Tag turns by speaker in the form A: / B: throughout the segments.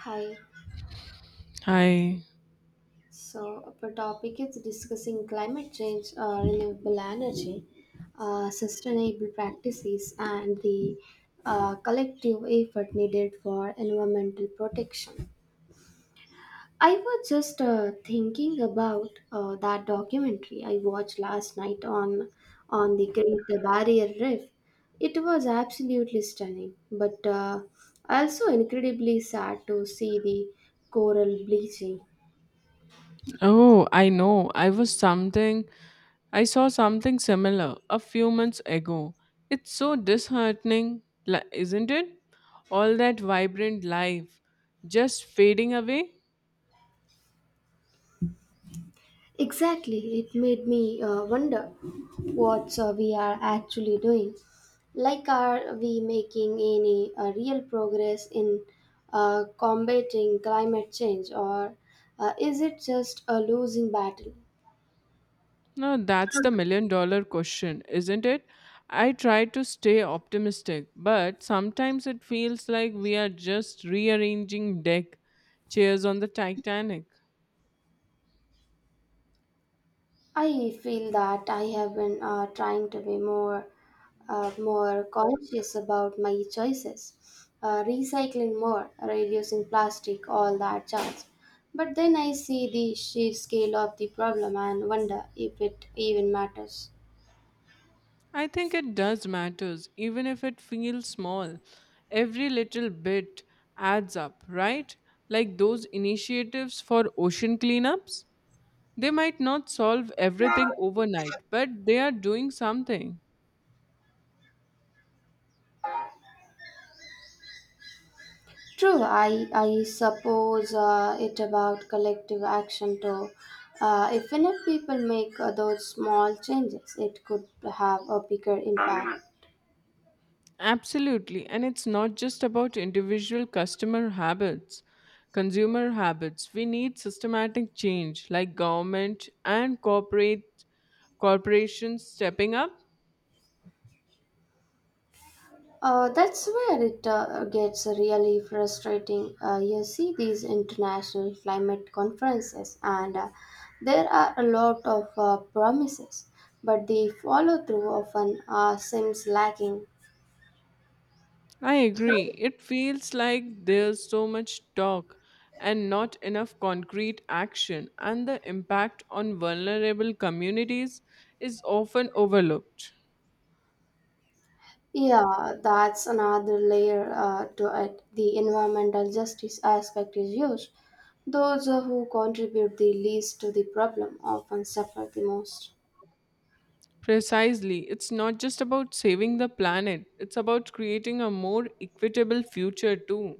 A: Hi.
B: Hi.
A: So our topic is discussing climate change, renewable energy, sustainable practices, and the collective effort needed for environmental protection. I was just thinking about that documentary I watched last night on the Great Barrier Reef. It was absolutely stunning, but also incredibly sad to see the coral bleaching.
B: Oh, I know. I was something. I saw something similar a few months ago. It's so disheartening, isn't it? All that vibrant life just fading away?
A: Exactly, it made me wonder what we are actually doing. Like, are we making any real progress in combating climate change, or is it just a losing battle?
B: No, that's the million dollar question, isn't it? I try to stay optimistic, but sometimes it feels like we are just rearranging deck chairs on the Titanic.
A: I feel that I have been trying to be more conscious about my choices, recycling more, reducing plastic, all that jazz. But then I see the sheer scale of the problem and wonder if it even matters.
B: I think it does matters, even if it feels small. Every little bit adds up, right? Like those initiatives for ocean cleanups. They might not solve everything overnight, but they are doing something.
A: True, I suppose it about collective action too. If enough people make those small changes, it could have a bigger impact.
B: Absolutely. And it's not just about individual consumer habits. We need systematic change like government and corporate corporations stepping up.
A: That's where it gets really frustrating. You see these international climate conferences, and there are a lot of promises, but the follow through often seems lacking.
B: I agree. It feels like there's so much talk and not enough concrete action, and the impact on vulnerable communities is often overlooked.
A: Yeah, that's another layer to it. The environmental justice aspect is huge. Those who contribute the least to the problem often suffer the most.
B: Precisely, it's not just about saving the planet, it's about creating a more equitable future, too.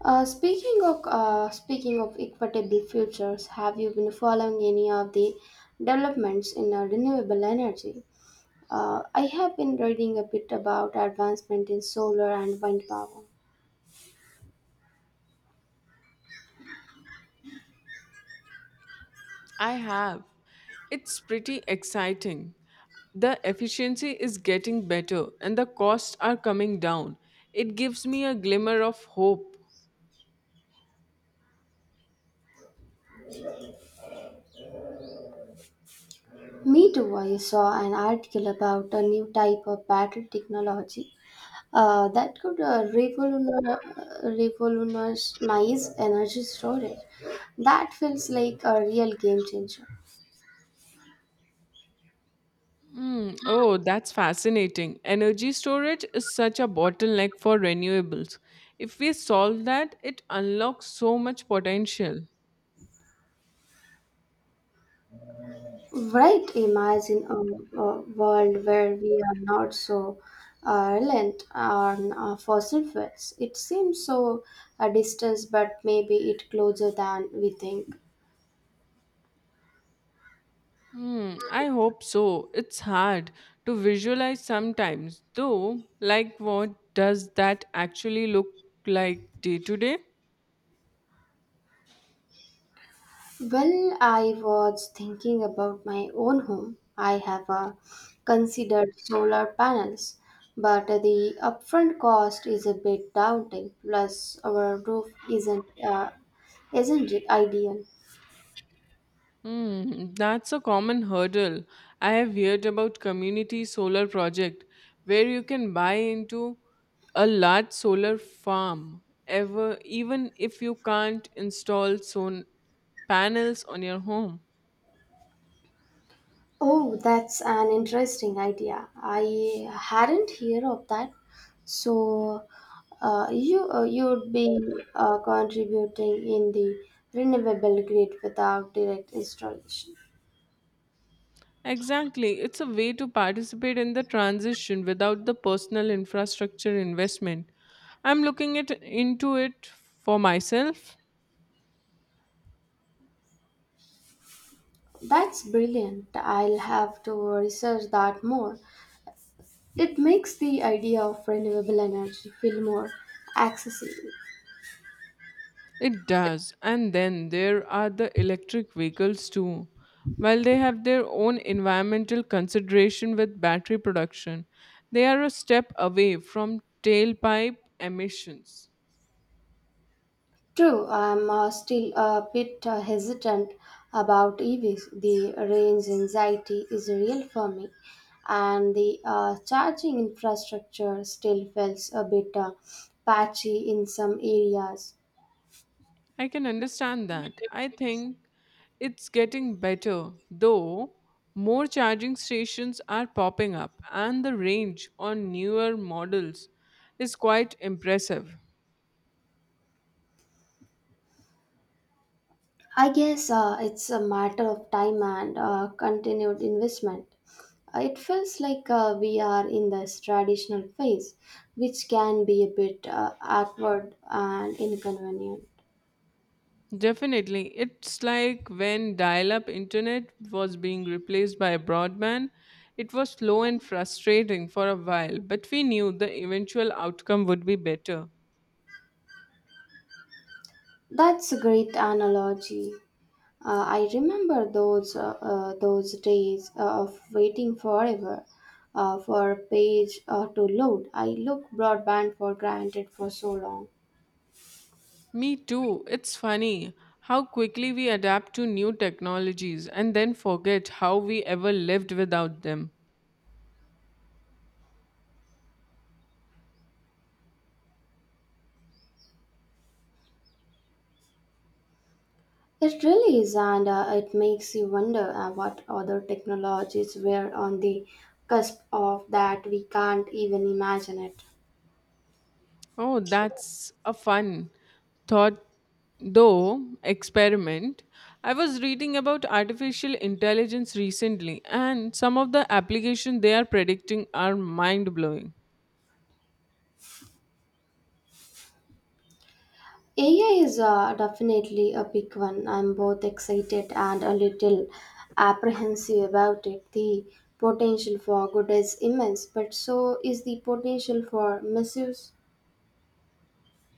A: Speaking of equitable futures, have you been following any of the developments in renewable energy? I have been reading a bit about advancement in solar and wind power.
B: I have. It's pretty exciting. The efficiency is getting better and the costs are coming down. It gives me a glimmer of hope.
A: Me too. I saw an article about a new type of battery technology that could revolutionize energy storage. That feels like a real game changer.
B: Mm, oh, that's fascinating. Energy storage is such a bottleneck for renewables. If we solve that, it unlocks so much potential.
A: Right, imagine a world where we are not so reliant on fossil fuels. It seems so a distance, but maybe it closer than we think.
B: Hmm, I hope so. It's hard to visualize sometimes, though, like what does that actually look like day to day?
A: Well, I was thinking about my own home. I have considered solar panels, but the upfront cost is a bit daunting. Plus, our roof isn't it ideal.
B: Hmm, that's a common hurdle. I have heard about community solar project where you can buy into a large solar farm ever even if you can't install solar panels on your home.
A: Oh, that's an interesting idea. I hadn't heard of that. So, you'd be contributing in the renewable grid without direct installation.
B: Exactly. It's a way to participate in the transition without the personal infrastructure investment. I'm looking it into it for myself.
A: That's brilliant. I'll have to research that more. It makes the idea of renewable energy feel more accessible.
B: It does. And then there are the electric vehicles too. While they have their own environmental consideration with battery production, they are a step away from tailpipe emissions.
A: True, I'm still a bit hesitant about EVs. The range anxiety is real for me, and the charging infrastructure still feels a bit patchy in some areas.
B: I can understand that. I think it's getting better, though more charging stations are popping up and the range on newer models is quite impressive.
A: I guess it's a matter of time and continued investment. It feels like we are in this traditional phase, which can be a bit awkward and inconvenient.
B: Definitely. It's like when dial up internet was being replaced by broadband. It was slow and frustrating for a while, but we knew the eventual outcome would be better.
A: That's a great analogy. I remember those days of waiting forever for a page to load. I look broadband for granted for so long.
B: Me too. It's funny how quickly we adapt to new technologies and then forget how we ever lived without them.
A: It really is, and it makes you wonder what other technologies were on the cusp of that we can't even imagine it.
B: Oh, that's a fun thought, though, experiment. I was reading about artificial intelligence recently, and some of the applications they are predicting are mind blowing.
A: AI is definitely a big one. I'm both excited and a little apprehensive about it. The potential for good is immense, but so is the potential for misuse.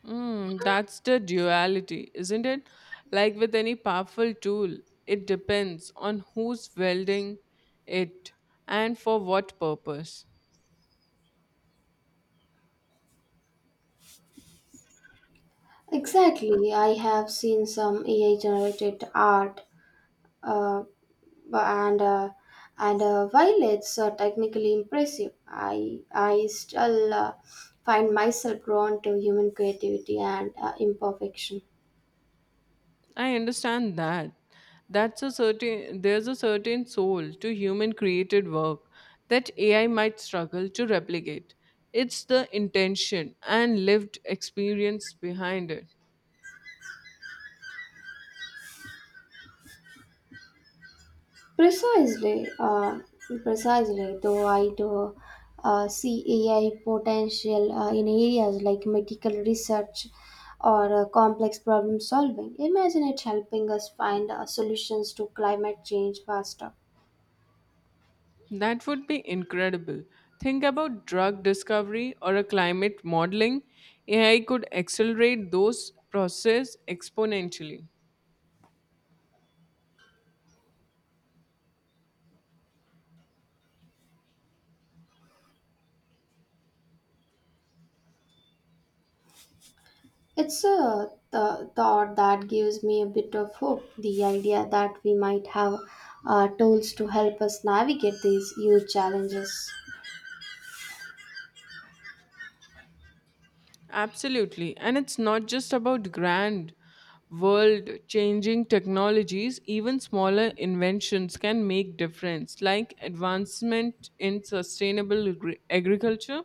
B: Mm, that's the duality, isn't it? Like with any powerful tool, it depends on who's wielding it and for what purpose.
A: Exactly. I have seen some AI generated art, uh, bu- and while it's technically impressive, I still find myself drawn to human creativity and imperfection.
B: I understand that. That's a certain there's a certain soul to human created work that AI might struggle to replicate. It's the intention and lived experience behind it.
A: Precisely, uh, precisely. Though I do see AI potential in areas like medical research or complex problem solving. Imagine it helping us find solutions to climate change faster.
B: That would be incredible. Think about drug discovery or a climate modeling. AI could accelerate those processes exponentially.
A: It's a thought that gives me a bit of hope. The idea that we might have tools to help us navigate these huge challenges.
B: Absolutely. And it's not just about grand, world changing technologies, even smaller inventions can make difference, like advancement in sustainable agriculture.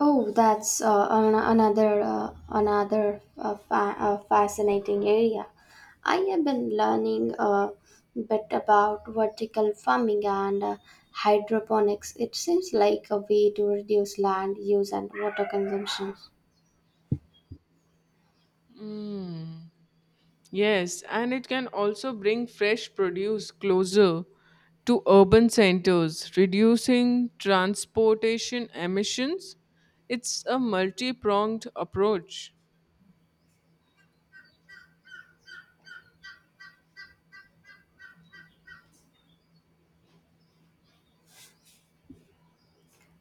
A: Oh, that's fascinating area. I have been learning a bit about vertical farming and hydroponics. It seems like a way to reduce land use and water consumption.
B: Yes, and it can also bring fresh produce closer to urban centers, reducing transportation emissions. It's a multi pronged approach.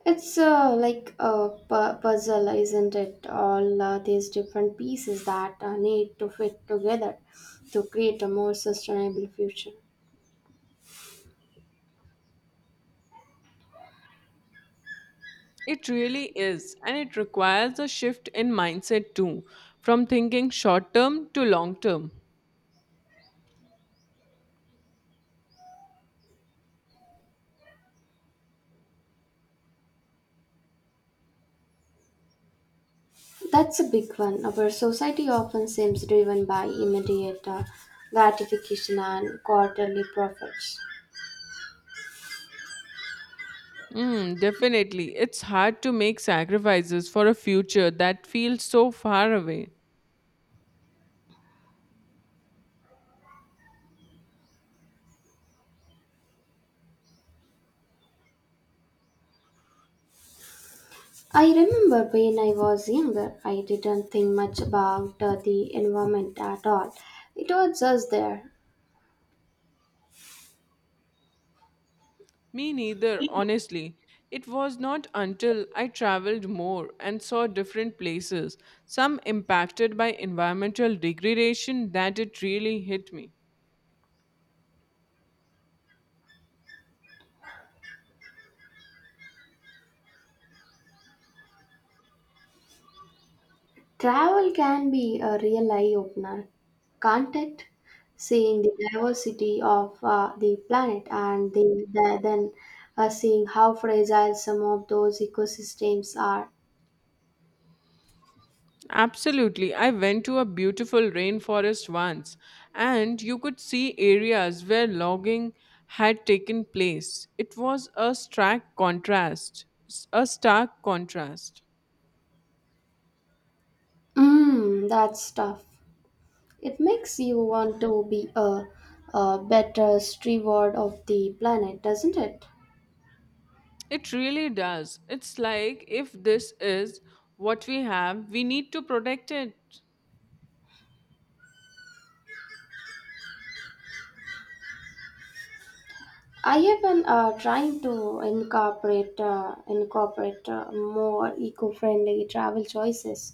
A: It's like a puzzle, isn't it? All these different pieces that need to fit together to create a more sustainable future.
B: It really is, and it requires a shift in mindset too, from thinking short term to long term.
A: That's a big one. Our society often seems driven by immediate gratification and quarterly profits.
B: Mm, definitely, it's hard to make sacrifices for a future that feels so far away.
A: I remember when I was younger, I didn't think much about the environment at all. It was just there.
B: Me neither, honestly. It was not until I traveled more and saw different places, some impacted by environmental degradation, that it really hit me.
A: Travel can be a real eye opener, can't it? Seeing the diversity of the planet and then seeing how fragile some of those ecosystems are.
B: Absolutely. I went to a beautiful rainforest once, and you could see areas where logging had taken place. It was a stark contrast. A stark contrast.
A: Mm, that's tough. It makes you want to be a better steward of the planet, doesn't it?
B: It really does. It's like if this is what we have, we need to protect it.
A: I have been trying to incorporate more eco-friendly travel choices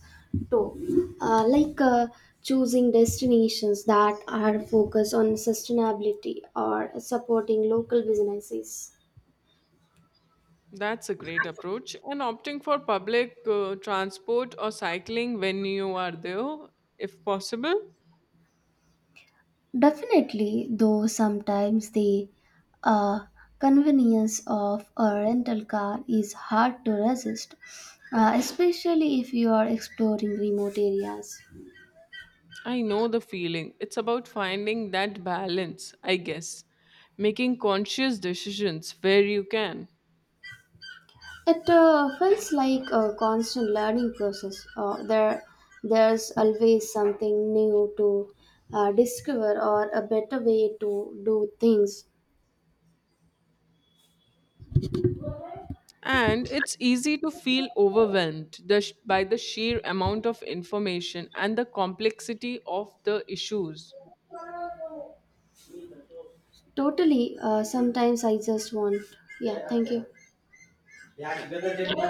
A: too, like choosing destinations that are focused on sustainability or supporting local businesses.
B: That's a great approach. And opting for public transport or cycling when you are there, if possible.
A: Definitely, though sometimes the uh, convenience of a rental car is hard to resist, especially if you are exploring remote areas.
B: I know the feeling. It's about finding that balance, I guess. Making conscious decisions where you can.
A: It feels like a constant learning process. There's always something new to discover or a better way to do things.
B: And it's easy to feel overwhelmed by the sheer amount of information and the complexity of the issues.
A: Totally, sometimes I just want. Yeah, thank you.
B: Yeah.
A: Yeah,